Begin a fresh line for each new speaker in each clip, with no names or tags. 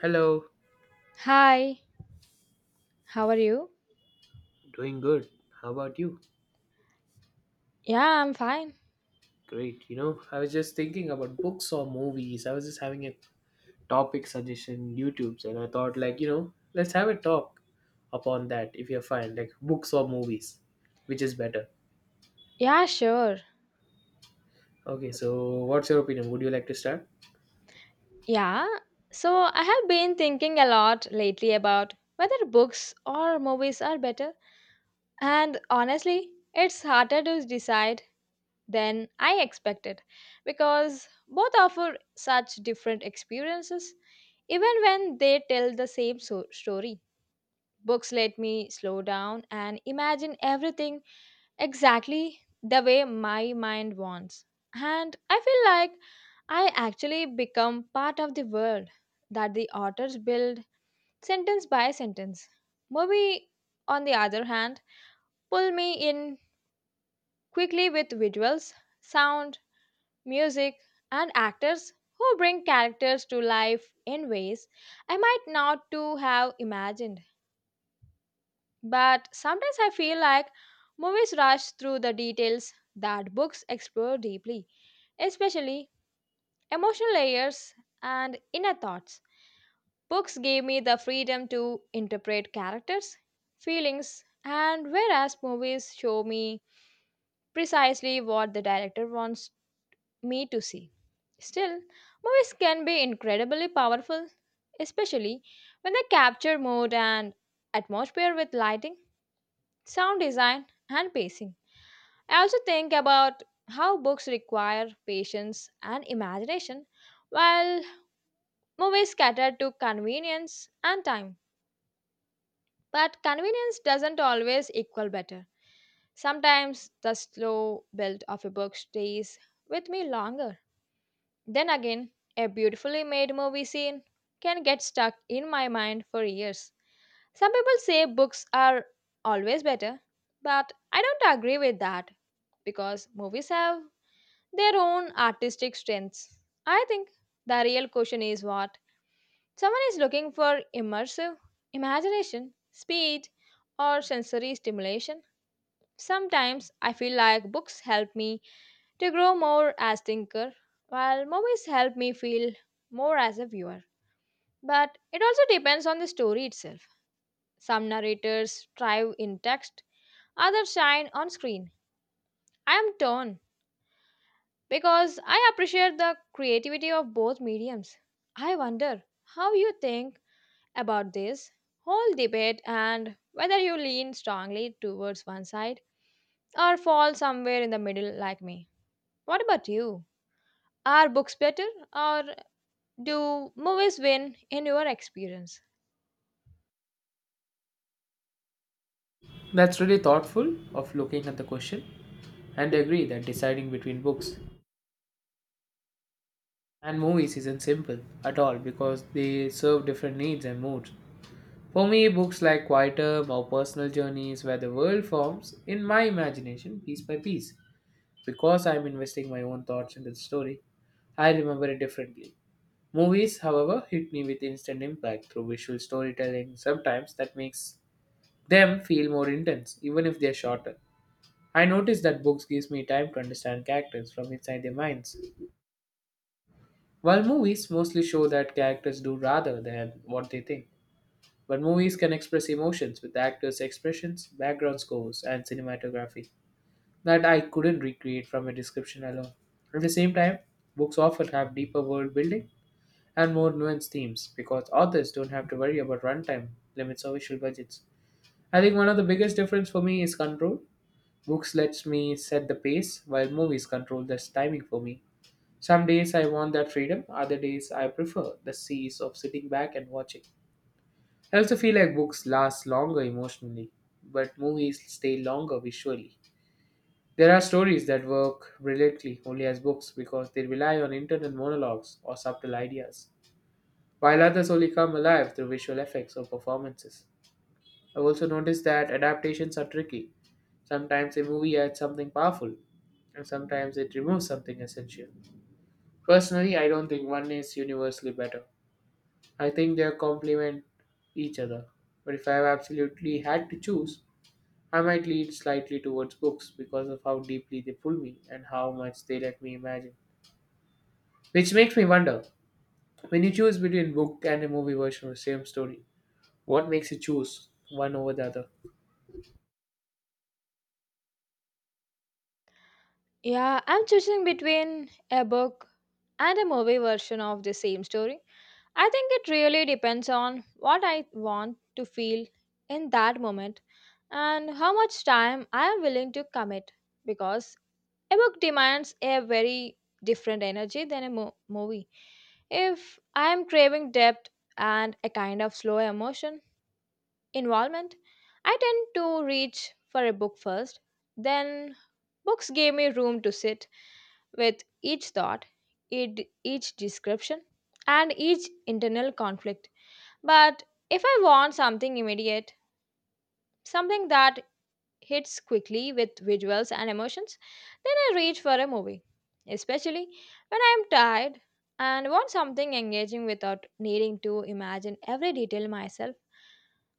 Hello,
Hi, how are you?
doing good. How about you?
Yeah, I'm fine.
Great. I was just thinking about books or movies. I was just having a topic suggestion YouTube's and I thought like, let's have a talk upon that if you're fine, like books or movies, which is better.
Yeah, sure.
Okay, so what's your opinion? Would you like to start?
Yeah, so I have been thinking a lot lately about whether books or movies are better, and honestly, it's harder to decide than I expected because both offer such different experiences, even when they tell the same story. Books let me slow down and imagine everything exactly the way my mind wants. And I feel like I actually become part of the world that the authors build sentence by sentence. Movie, on the other hand, pull me in quickly with visuals, sound, music, and actors who bring characters to life in ways I might not to have imagined. But sometimes I feel like movies rush through the details that books explore deeply, especially emotional layers and inner thoughts. Books gave me the freedom to interpret characters, feelings, and whereas movies show me precisely what the director wants me to see. Still, movies can be incredibly powerful, especially when they capture mood and atmosphere with lighting, sound design, and pacing. I also think about how books require patience and imagination, while movies cater to convenience and time, but convenience doesn't always equal better. Sometimes the slow build of a book stays with me longer. Then again, a beautifully made movie scene can get stuck in my mind for years. Some people say books are always better, but I don't agree with that because movies have their own artistic strengths. I think the real question is what someone is looking for: immersive imagination, speed, or sensory stimulation. Sometimes I feel like books help me to grow more as thinker, while movies help me feel more as a viewer. But it also depends on the story itself. Some narrators thrive in text, others shine on screen. I am torn because I appreciate the creativity of both mediums. I wonder how you think about this whole debate, and whether you lean strongly towards one side or fall somewhere in the middle like me. What about you? Are books better, or do movies win in your experience?
That's really thoughtful of looking at the question and I agree that deciding between books and movies isn't simple at all because they serve different needs and moods. For me, books like quieter, more personal journeys where the world forms in my imagination piece by piece. Because I am investing my own thoughts into the story, I remember it differently. Movies, however, hit me with instant impact through visual storytelling, sometimes that makes them feel more intense, even if they are shorter. I notice that books gives me time to understand characters from inside their minds, while movies mostly show that characters do rather than what they think. But movies can express emotions with actors' expressions, background scores, and cinematography that I couldn't recreate from a description alone. At the same time, books often have deeper world building and more nuanced themes because authors don't have to worry about runtime limits or visual budgets. I think one of the biggest difference for me is control. Books lets me set the pace while movies control the timing for me. Some days I want that freedom, other days I prefer the ease of sitting back and watching. I also feel like books last longer emotionally, but movies stay longer visually. There are stories that work brilliantly only as books because they rely on internal monologues or subtle ideas, while others only come alive through visual effects or performances. I've also noticed that adaptations are tricky. Sometimes a movie adds something powerful, and sometimes it removes something essential. Personally, I don't think one is universally better. I think they complement each other. But if I have absolutely had to choose, I might lean slightly towards books because of how deeply they pull me and how much they let me imagine. Which makes me wonder when you choose between book and a movie version of the same story, what makes you choose one over the other?
Yeah, I'm choosing between a book and a movie version of the same story. I think it really depends on what I want to feel in that moment and how much time I am willing to commit because a book demands a very different energy than a movie. If I am craving depth and a kind of slow emotion, involvement, I tend to reach for a book first. Then books gave me room to sit with each thought, id- each description, and each internal conflict. But if I want something immediate, something that hits quickly with visuals and emotions, then I reach for a movie, especially when I am tired and want something engaging without needing to imagine every detail myself.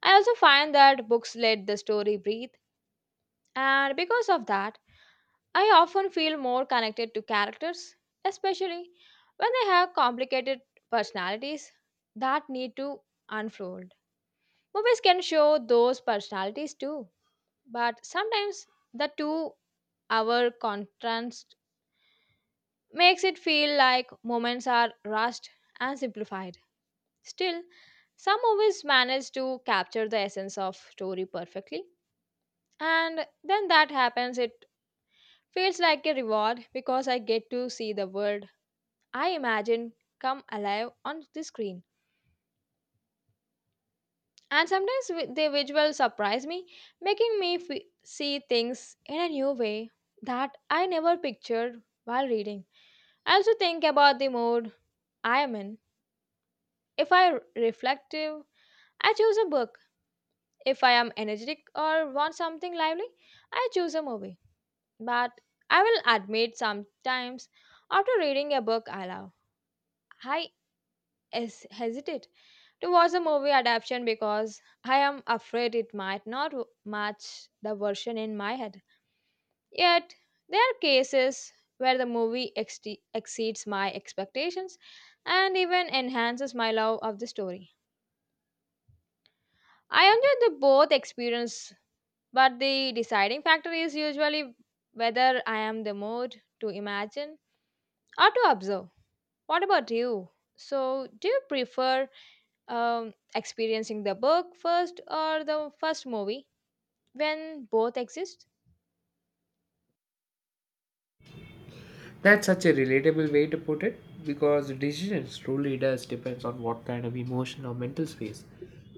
I also find that books let the story breathe, and because of that, I often feel more connected to characters, especially when they have complicated personalities that need to unfold. Movies can show those personalities too, but sometimes the 2-hour contrast makes it feel like moments are rushed and simplified. Still, some movies manage to capture the essence of story perfectly, and then that happens, it feels like a reward because I get to see the world I imagine come alive on the screen. And sometimes the visuals surprise me, making me see things in a new way that I never pictured while reading. I also think about the mood I am in. If I am reflective, I choose a book. If I am energetic or want something lively, I choose a movie. But I will admit sometimes after reading a book I love, I hesitate to watch the movie adaptation because I am afraid it might not match the version in my head. Yet, there are cases where the movie exceeds my expectations and even enhances my love of the story. I enjoyed the both experience, but the deciding factor is usually whether I am the mood to imagine or to observe. What about you? So, do you prefer experiencing the book first or the first movie when both exist?
That's such a relatable way to put it because the decision truly does depends on what kind of emotion or mental space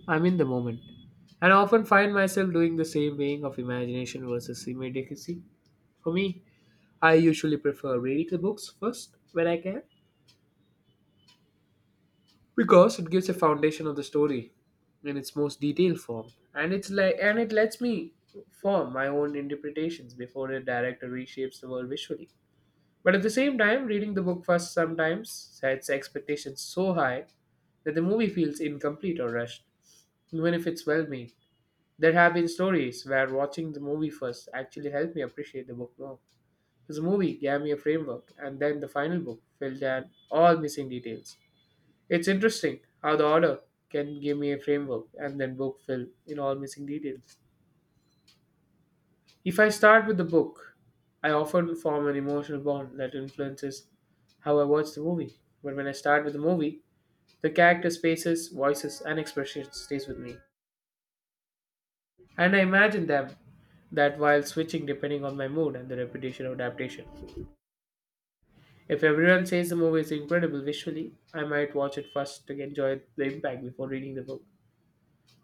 I'm in the moment. And I often find myself doing the same weighing of imagination versus immediacy. For me, I usually prefer reading the books first when I can because it gives a foundation of the story in its most detailed form and it's like and it lets me form my own interpretations before a director reshapes the world visually, but at the same time reading the book first sometimes sets expectations so high that the movie feels incomplete or rushed, even if it's well made. There have been stories where watching the movie first actually helped me appreciate the book more because the movie gave me a framework and then the final book filled in all missing details. It's interesting how the order can give me a framework and then book fill in all missing details. If I start with the book, I often form an emotional bond that influences how I watch the movie. But when I start with the movie, the characters' faces, voices, and expressions stays with me, and I imagine them that while switching depending on my mood and the repetition of adaptation. If everyone says the movie is incredible visually, I might watch it first to enjoy the impact before reading the book.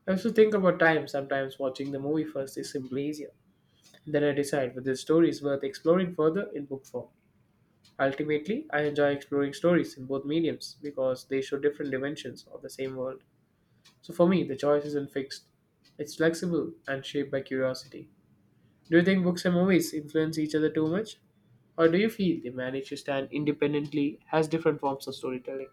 I also think about time. Sometimes watching the movie first is simply easier. Then I decide whether the story is worth exploring further in book form. Ultimately, I enjoy exploring stories in both mediums because they show different dimensions of the same world. So for me, the choice isn't fixed. It's flexible and shaped by curiosity. Do you think books and movies influence each other too much? Or do you feel they manage to stand independently as different forms of storytelling?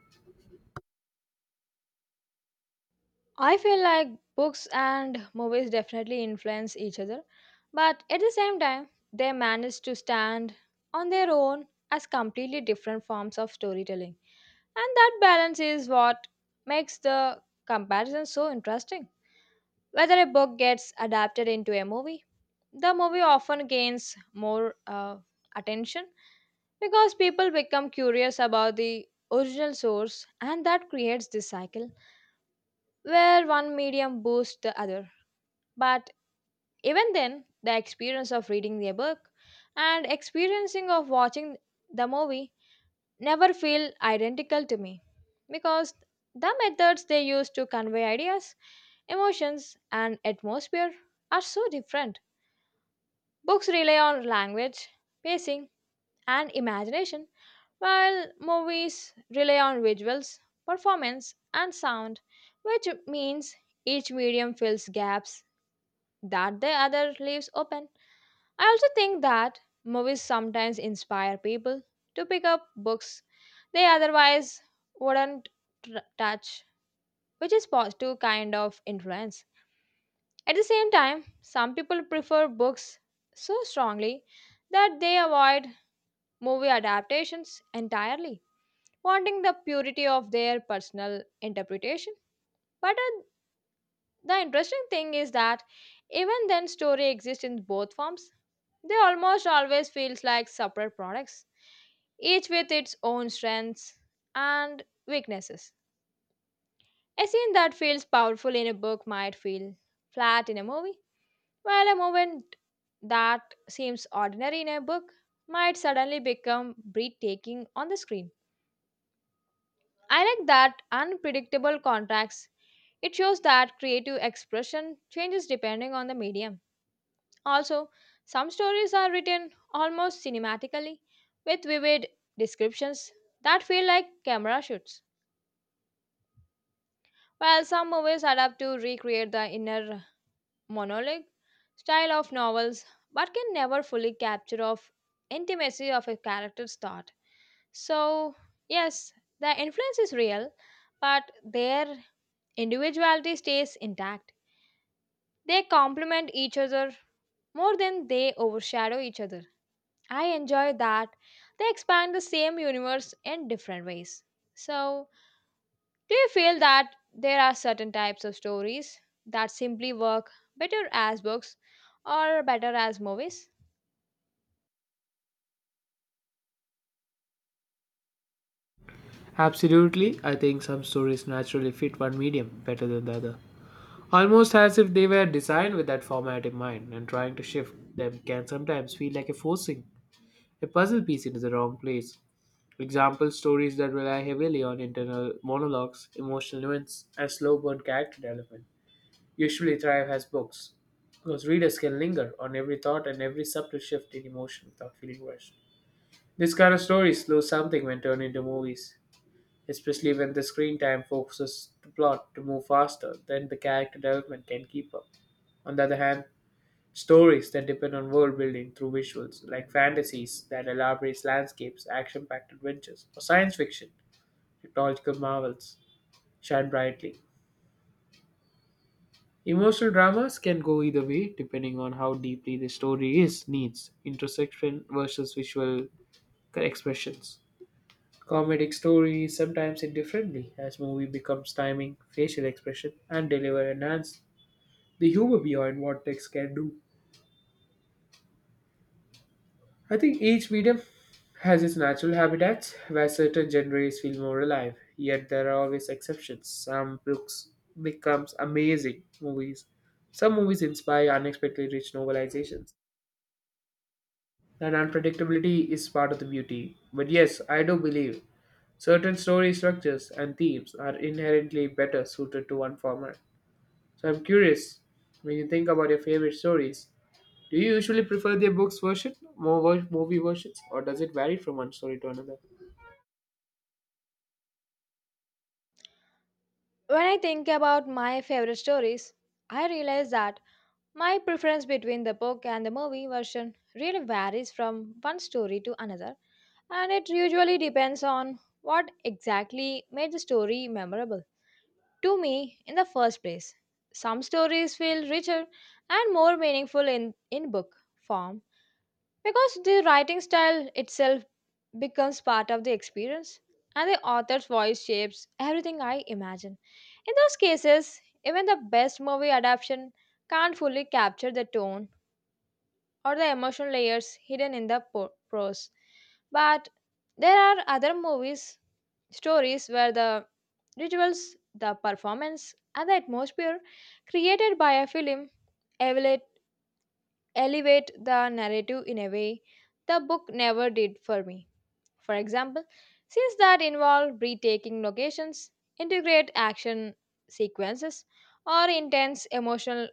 I feel like books and movies definitely influence each other, but at the same time they manage to stand on their own as completely different forms of storytelling, and that balance is what makes the comparison so interesting. Whether a book gets adapted into a movie, the movie often gains more attention because people become curious about the original source, and that creates this cycle where one medium boosts the other. But even then, the experience of reading the book and experiencing of watching the movie never feel identical to me because the methods they use to convey ideas, emotions, and atmosphere are so different. Books rely on language, pacing, and imagination, while movies rely on visuals, performance, and sound, which means each medium fills gaps that the other leaves open. I also think that movies sometimes inspire people to pick up books they otherwise wouldn't touch, which is positive kind of influence. At the same time, some people prefer books so strongly that they avoid movie adaptations entirely, wanting the purity of their personal interpretation. But the interesting thing is that even then, story exists in both forms. They almost always feels like separate products, each with its own strengths and weaknesses. A scene that feels powerful in a book might feel flat in a movie, while a moment that seems ordinary in a book might suddenly become breathtaking on the screen. I like that unpredictable contrast. It shows that creative expression changes depending on the medium. Also, some stories are written almost cinematically with vivid descriptions that feel like camera shoots, while some movies adapt to recreate the inner monologue style of novels but can never fully capture of intimacy of a character's thought. So, yes, the influence is real, but their individuality stays intact. They complement each other more than they overshadow each other. I enjoy that they expand the same universe in different ways. So, do you feel that there are certain types of stories that simply work better as books or better as movies?
Absolutely, I think some stories naturally fit one medium better than the other. Almost as if they were designed with that format in mind, and trying to shift them can sometimes feel like a forcing a puzzle piece into the wrong place. Example stories that rely heavily on internal monologues, emotional nuance, and slow burn character development usually thrive as books, because readers can linger on every thought and every subtle shift in emotion without feeling rushed. This kind of stories lose something when turned into movies, especially when the screen time focuses the plot to move faster than the character development can keep up. On the other hand, stories that depend on world building through visuals, like fantasies that elaborate landscapes, action packed adventures, or science fiction, technological marvels, shine brightly. Emotional dramas can go either way depending on how deeply the story is needs introspection versus visual expressions. Comedic stories sometimes indifferently as movie becomes timing, facial expression, and deliver enhance the humor beyond what text can do. I think each medium has its natural habitats where certain genres feel more alive, yet there are always exceptions. Some books becomes amazing movies. Some movies inspire unexpectedly rich novelizations. And unpredictability is part of the beauty. But yes, I do believe certain story structures and themes are inherently better suited to one format. So I'm curious, when you think about your favorite stories, do you usually prefer the books version, movie versions, or does it vary from one story to another?
When I think about my favorite stories, I realize that my preference between the book and the movie version really varies from one story to another, and it usually depends on what exactly made the story memorable to me in the first place. Some stories feel richer and more meaningful in book form because the writing style itself becomes part of the experience and the author's voice shapes everything I imagine. In those cases, even the best movie adaptation can't fully capture the tone or the emotional layers hidden in the prose. But there are other movies, stories where the rituals, the performance, and the atmosphere created by a film elevate, elevate the narrative in a way the book never did for me. For example, scenes that involve breathtaking locations, integrate action sequences, or intense emotional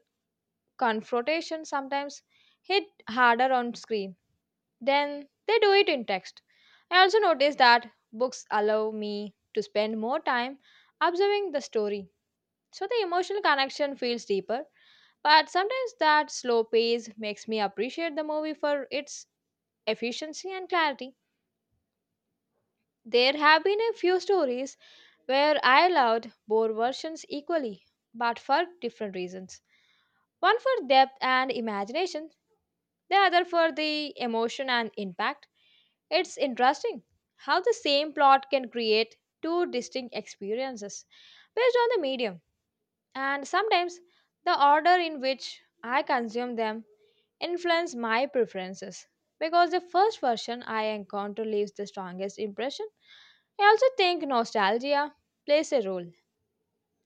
confrontation sometimes hit harder on screen then they do it in text. I also notice that books allow me to spend more time observing the story, so the emotional connection feels deeper. But sometimes that slow pace makes me appreciate the movie for its efficiency and clarity. There have been a few stories where I loved both versions equally, but for different reasons. One for depth and imagination, the other for the emotion and impact. It's interesting how the same plot can create two distinct experiences based on the medium, and sometimes the order in which I consume them influence my preferences, because the first version I encounter leaves the strongest impression. I also think nostalgia plays a role.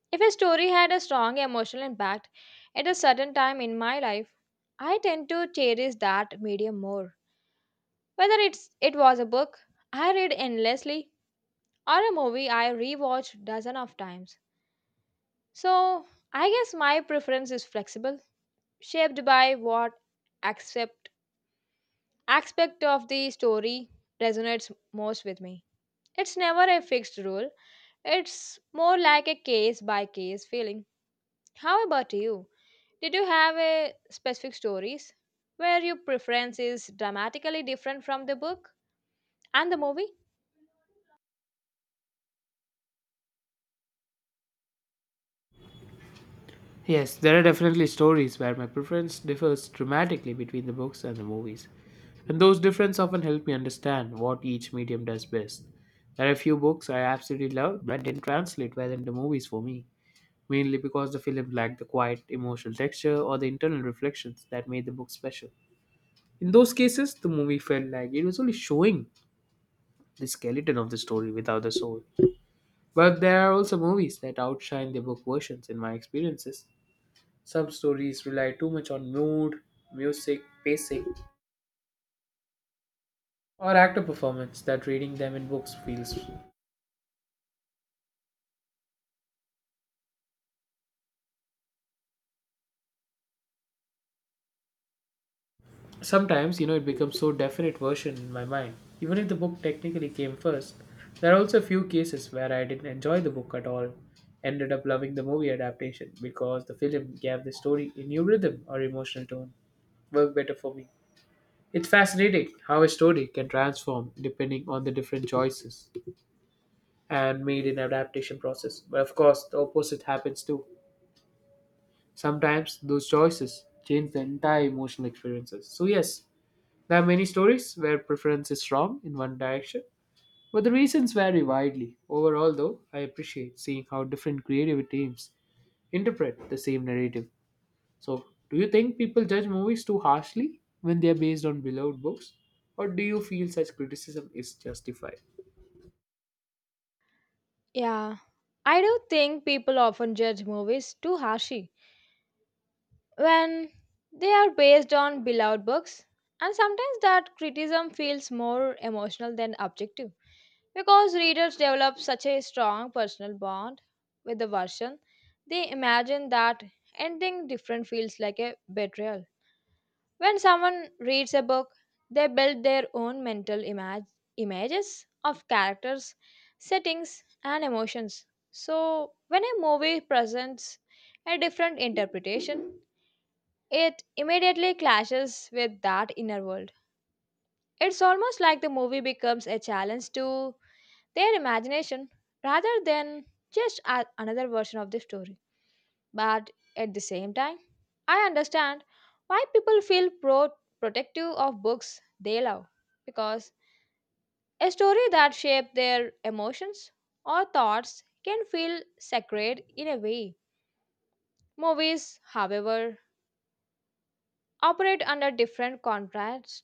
If a story had a strong emotional impact at a certain time in my life, I tend to cherish that medium more, whether it was a book I read endlessly or a movie I rewatched dozen of times. So I guess my preference is flexible, shaped by what accept aspect of the story resonates most with me. It's never a fixed rule. It's more like a case by case feeling. How about you? Did you have a specific stories where your preference is dramatically different from the book and the movie?
Yes, there are definitely stories where my preference differs dramatically between the books and the movies, and those differences often help me understand what each medium does best. There are a few books I absolutely loved but didn't translate well into movies for me, mainly because the film lacked the quiet emotional texture or the internal reflections that made the book special. In those cases, the movie felt like it was only showing the skeleton of the story without the soul. But there are also movies that outshine their book versions in my experiences. Some stories rely too much on mood, music, pacing, or actor performance that reading them in books feels. Sometimes, it becomes so definite version in my mind. Even if the book technically came first, there are also a few cases where I didn't enjoy the book at all, ended up loving the movie adaptation because the film gave the story a new rhythm or emotional tone. Worked better for me. It's fascinating how a story can transform depending on the different choices and made in adaptation process. But of course, the opposite happens too. Sometimes those choices change the entire emotional experiences. So yes, there are many stories where preference is strong in one direction, but the reasons vary widely. Overall though, I appreciate seeing how different creative teams interpret the same narrative. So, do you think people judge movies too harshly when they are based on beloved books? Or do you feel such criticism is justified?
Yeah. I do think people often judge movies too harshly when they are based on beloved books, and sometimes that criticism feels more emotional than objective because readers develop such a strong personal bond with the version they imagine that ending different feels like a betrayal. When someone reads a book, they build their own mental images of characters, settings, and emotions, so when a movie presents a different interpretation, it immediately clashes with that inner world. It's almost like the movie becomes a challenge to their imagination rather than just another version of the story. But at the same time, I understand why people feel protective of books they love, because a story that shapes their emotions or thoughts can feel sacred in a way. Movies, however, operate under different contracts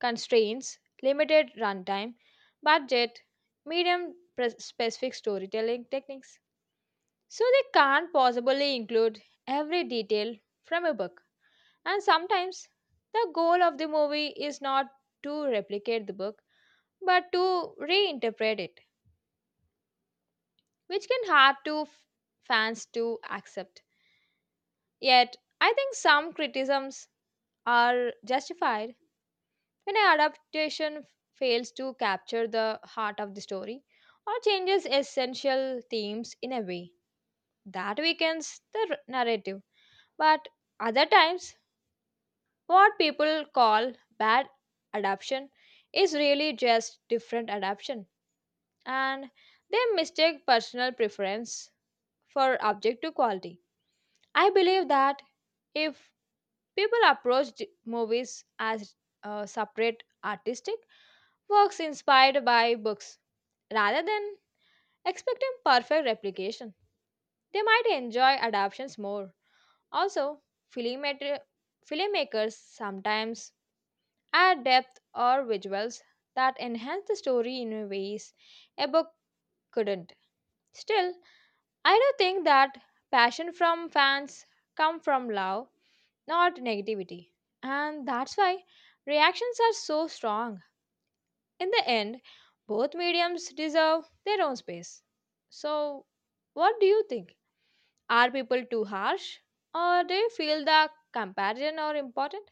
constraints, limited runtime, budget, specific storytelling techniques. So they can't possibly include every detail from a book. And sometimes the goal of the movie is not to replicate the book but to reinterpret it, which can hard to fans to accept. Yet, I think some criticisms are justified when an adaptation fails to capture the heart of the story or changes essential themes in a way that weakens the narrative. But other times, what people call bad adaptation is really just different adaptation, and they mistake personal preference for objective quality. I believe that if people approached movies as separate artistic works inspired by books, rather than expecting perfect replication, they might enjoy adaptations more. Also, filmmaker- filmmakers sometimes add depth or visuals that enhance the story in ways a book couldn't. Still, I do think that passion from fans come from love, not negativity. And that's why reactions are so strong. In the end, both mediums deserve their own space. So, what do you think? Are people too harsh, or do you feel the comparison are important?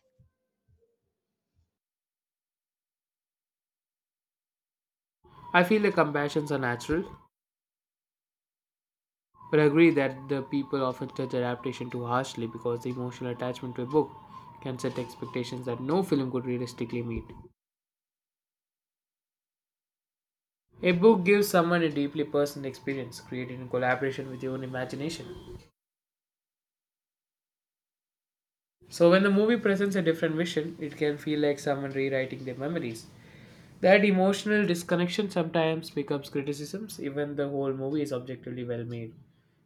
I feel the comparisons are natural, but I agree that the people often judge adaptation too harshly because the emotional attachment to a book can set expectations that no film could realistically meet. A book gives someone a deeply personal experience created in collaboration with your own imagination. So when the movie presents a different vision, it can feel like someone rewriting their memories. That emotional disconnection sometimes becomes criticisms, even the whole movie is objectively well made.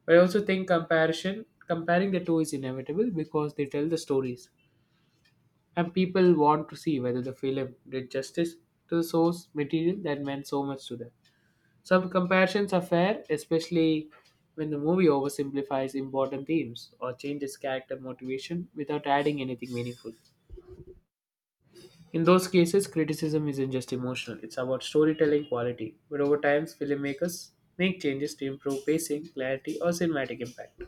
But I also think comparing the two is inevitable because they tell the stories, and people want to see whether the film did justice to the source material that meant so much to them. Some comparisons are fair, especially when the movie oversimplifies important themes or changes character motivation without adding anything meaningful. In those cases, criticism isn't just emotional, it's about storytelling quality. But over time, filmmakers make changes to improve pacing, clarity, or cinematic impact.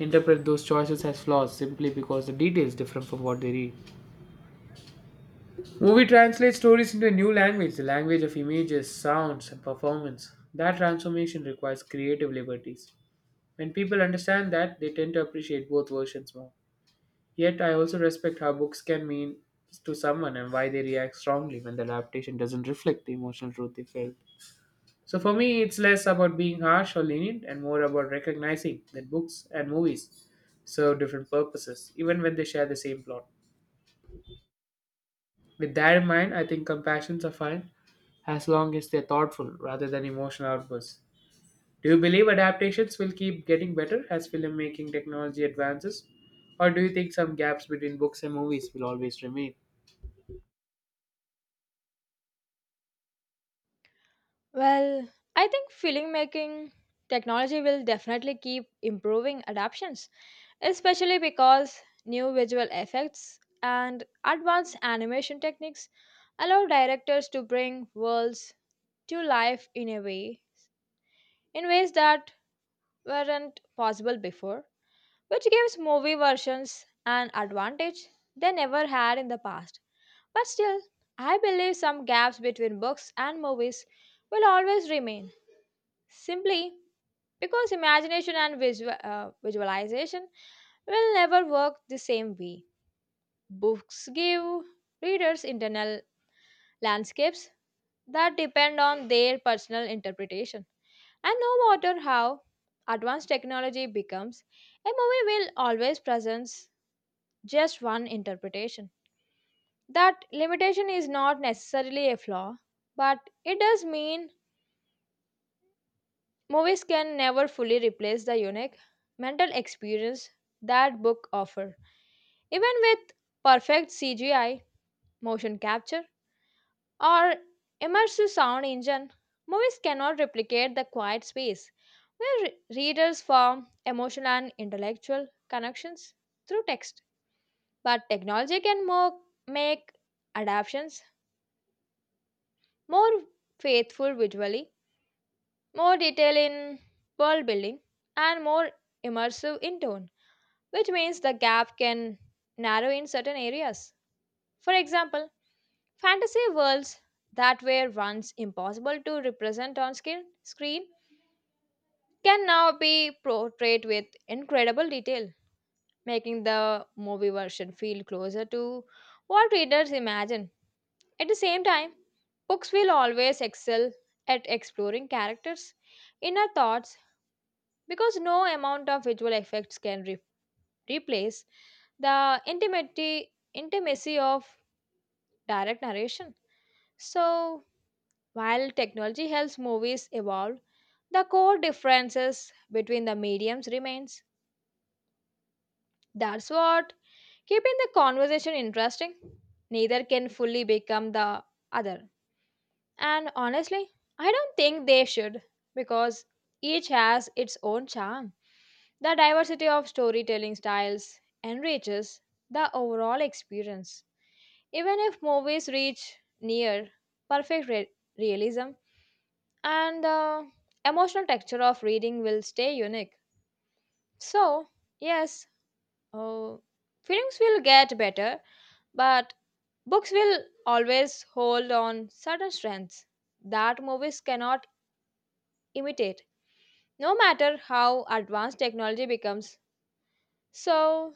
Interpret those choices as flaws simply because the detail is different from what they read. Movie translates stories into a new language, the language of images, sounds, and performance. That transformation requires creative liberties. When people understand that, they tend to appreciate both versions more. Yet, I also respect how books can mean to someone and why they react strongly when the adaptation doesn't reflect the emotional truth they felt. So, for me, it's less about being harsh or lenient and more about recognizing that books and movies serve different purposes, even when they share the same plot. With that in mind, I think compassions are fine as long as they're thoughtful rather than emotional outbursts. Do you believe adaptations will keep getting better as filmmaking technology advances? Or do you think some gaps between books and movies will always remain?
Well, I think film making technology will definitely keep improving adaptations, especially because new visual effects and advanced animation techniques allow directors to bring worlds to life in ways that weren't possible before, which gives movie versions an advantage they never had in the past. But still, I believe some gaps between books and movies will always remain, simply because imagination and visualization will never work the same way. Books give readers internal landscapes that depend on their personal interpretation. And no matter how advanced technology becomes, a movie will always present just one interpretation. That limitation is not necessarily a flaw, but it does mean movies can never fully replace the unique mental experience that book offer. Even with perfect CGI, motion capture, or immersive sound engine, movies cannot replicate the quiet space where readers form emotional and intellectual connections through text. But technology can make adaptations more faithful visually, more detail in world building, and more immersive in tone, which means the gap can narrow in certain areas. For example, fantasy worlds that were once impossible to represent on screen can now be portrayed with incredible detail, making the movie version feel closer to what readers imagine. At the same time, books will always excel at exploring characters' inner thoughts because no amount of visual effects can replace the intimacy of direct narration. So, while technology helps movies evolve, the core differences between the mediums remains. That's what keeping the conversation interesting. Neither can fully become the other. And honestly, I don't think they should, because each has its own charm. The diversity of storytelling styles enriches the overall experience. Even if movies reach near perfect realism, and the emotional texture of reading will stay unique. So, yes, uh, films will get better, but books will always hold on certain strengths that movies cannot imitate, no matter how advanced technology becomes. So,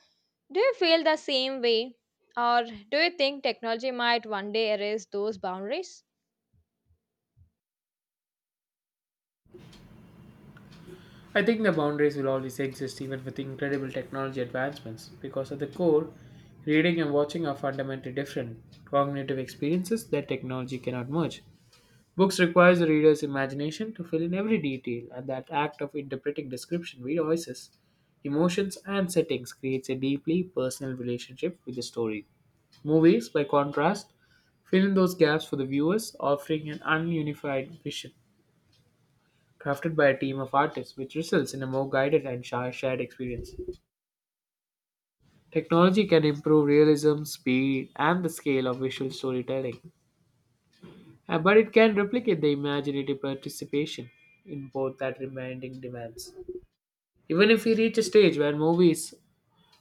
do you feel the same way, or do you think technology might one day erase those boundaries?
I think the boundaries will always exist even with incredible technology advancements because at the core, reading and watching are fundamentally different cognitive experiences that technology cannot merge. Books requires the reader's imagination to fill in every detail, and that act of interpreting description, voices, emotions, and settings creates a deeply personal relationship with the story. Movies, by contrast, fill in those gaps for the viewers, offering an ununified vision crafted by a team of artists, which results in a more guided and shared experience. Technology can improve realism, speed, and the scale of visual storytelling, but it can replicate the imaginative participation in both that remaining demands. Even if we reach a stage where movies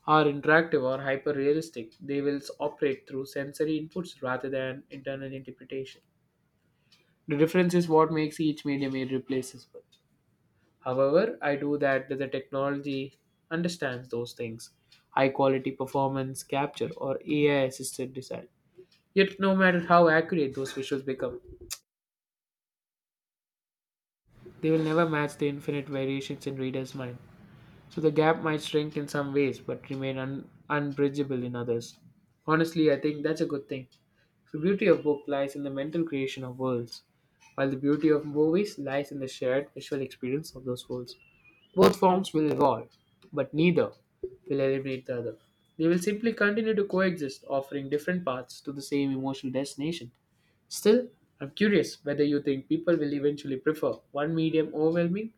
are interactive or hyper realistic, they will operate through sensory inputs rather than internal interpretation. The difference is what makes each medium irreplaceable. However, I do that the technology understands those things. High quality performance capture or AI assisted design. Yet no matter how accurate those visuals become, they will never match the infinite variations in readers' mind. So the gap might shrink in some ways but remain unbridgeable in others. Honestly, I think that's a good thing. The beauty of book lies in the mental creation of worlds, while the beauty of movies lies in the shared visual experience of those worlds. Both forms will evolve, but neither will eliminate the other. They will simply continue to coexist, offering different paths to the same emotional destination. Still, I'm curious whether you think people will eventually prefer one medium overwhelming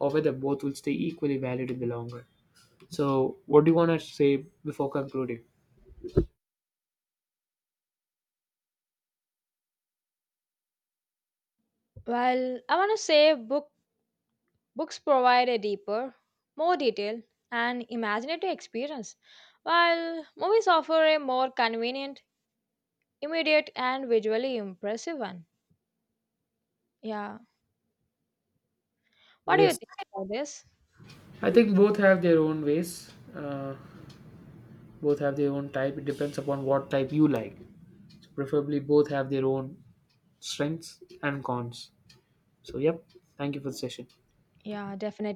or whether both will stay equally valid in the long run. So, what do you want to say before concluding?
Well, I want to say books provide a deeper, more detailed, and imaginative experience, while movies offer a more convenient, immediate, and visually impressive one. Yeah.
So,
What do you
yes,
think about this?
I think both have their own ways. Both have their own type. It depends upon what type you like. So preferably, both have their own strengths and cons. So, yep, thank you for the session.
Yeah, definitely.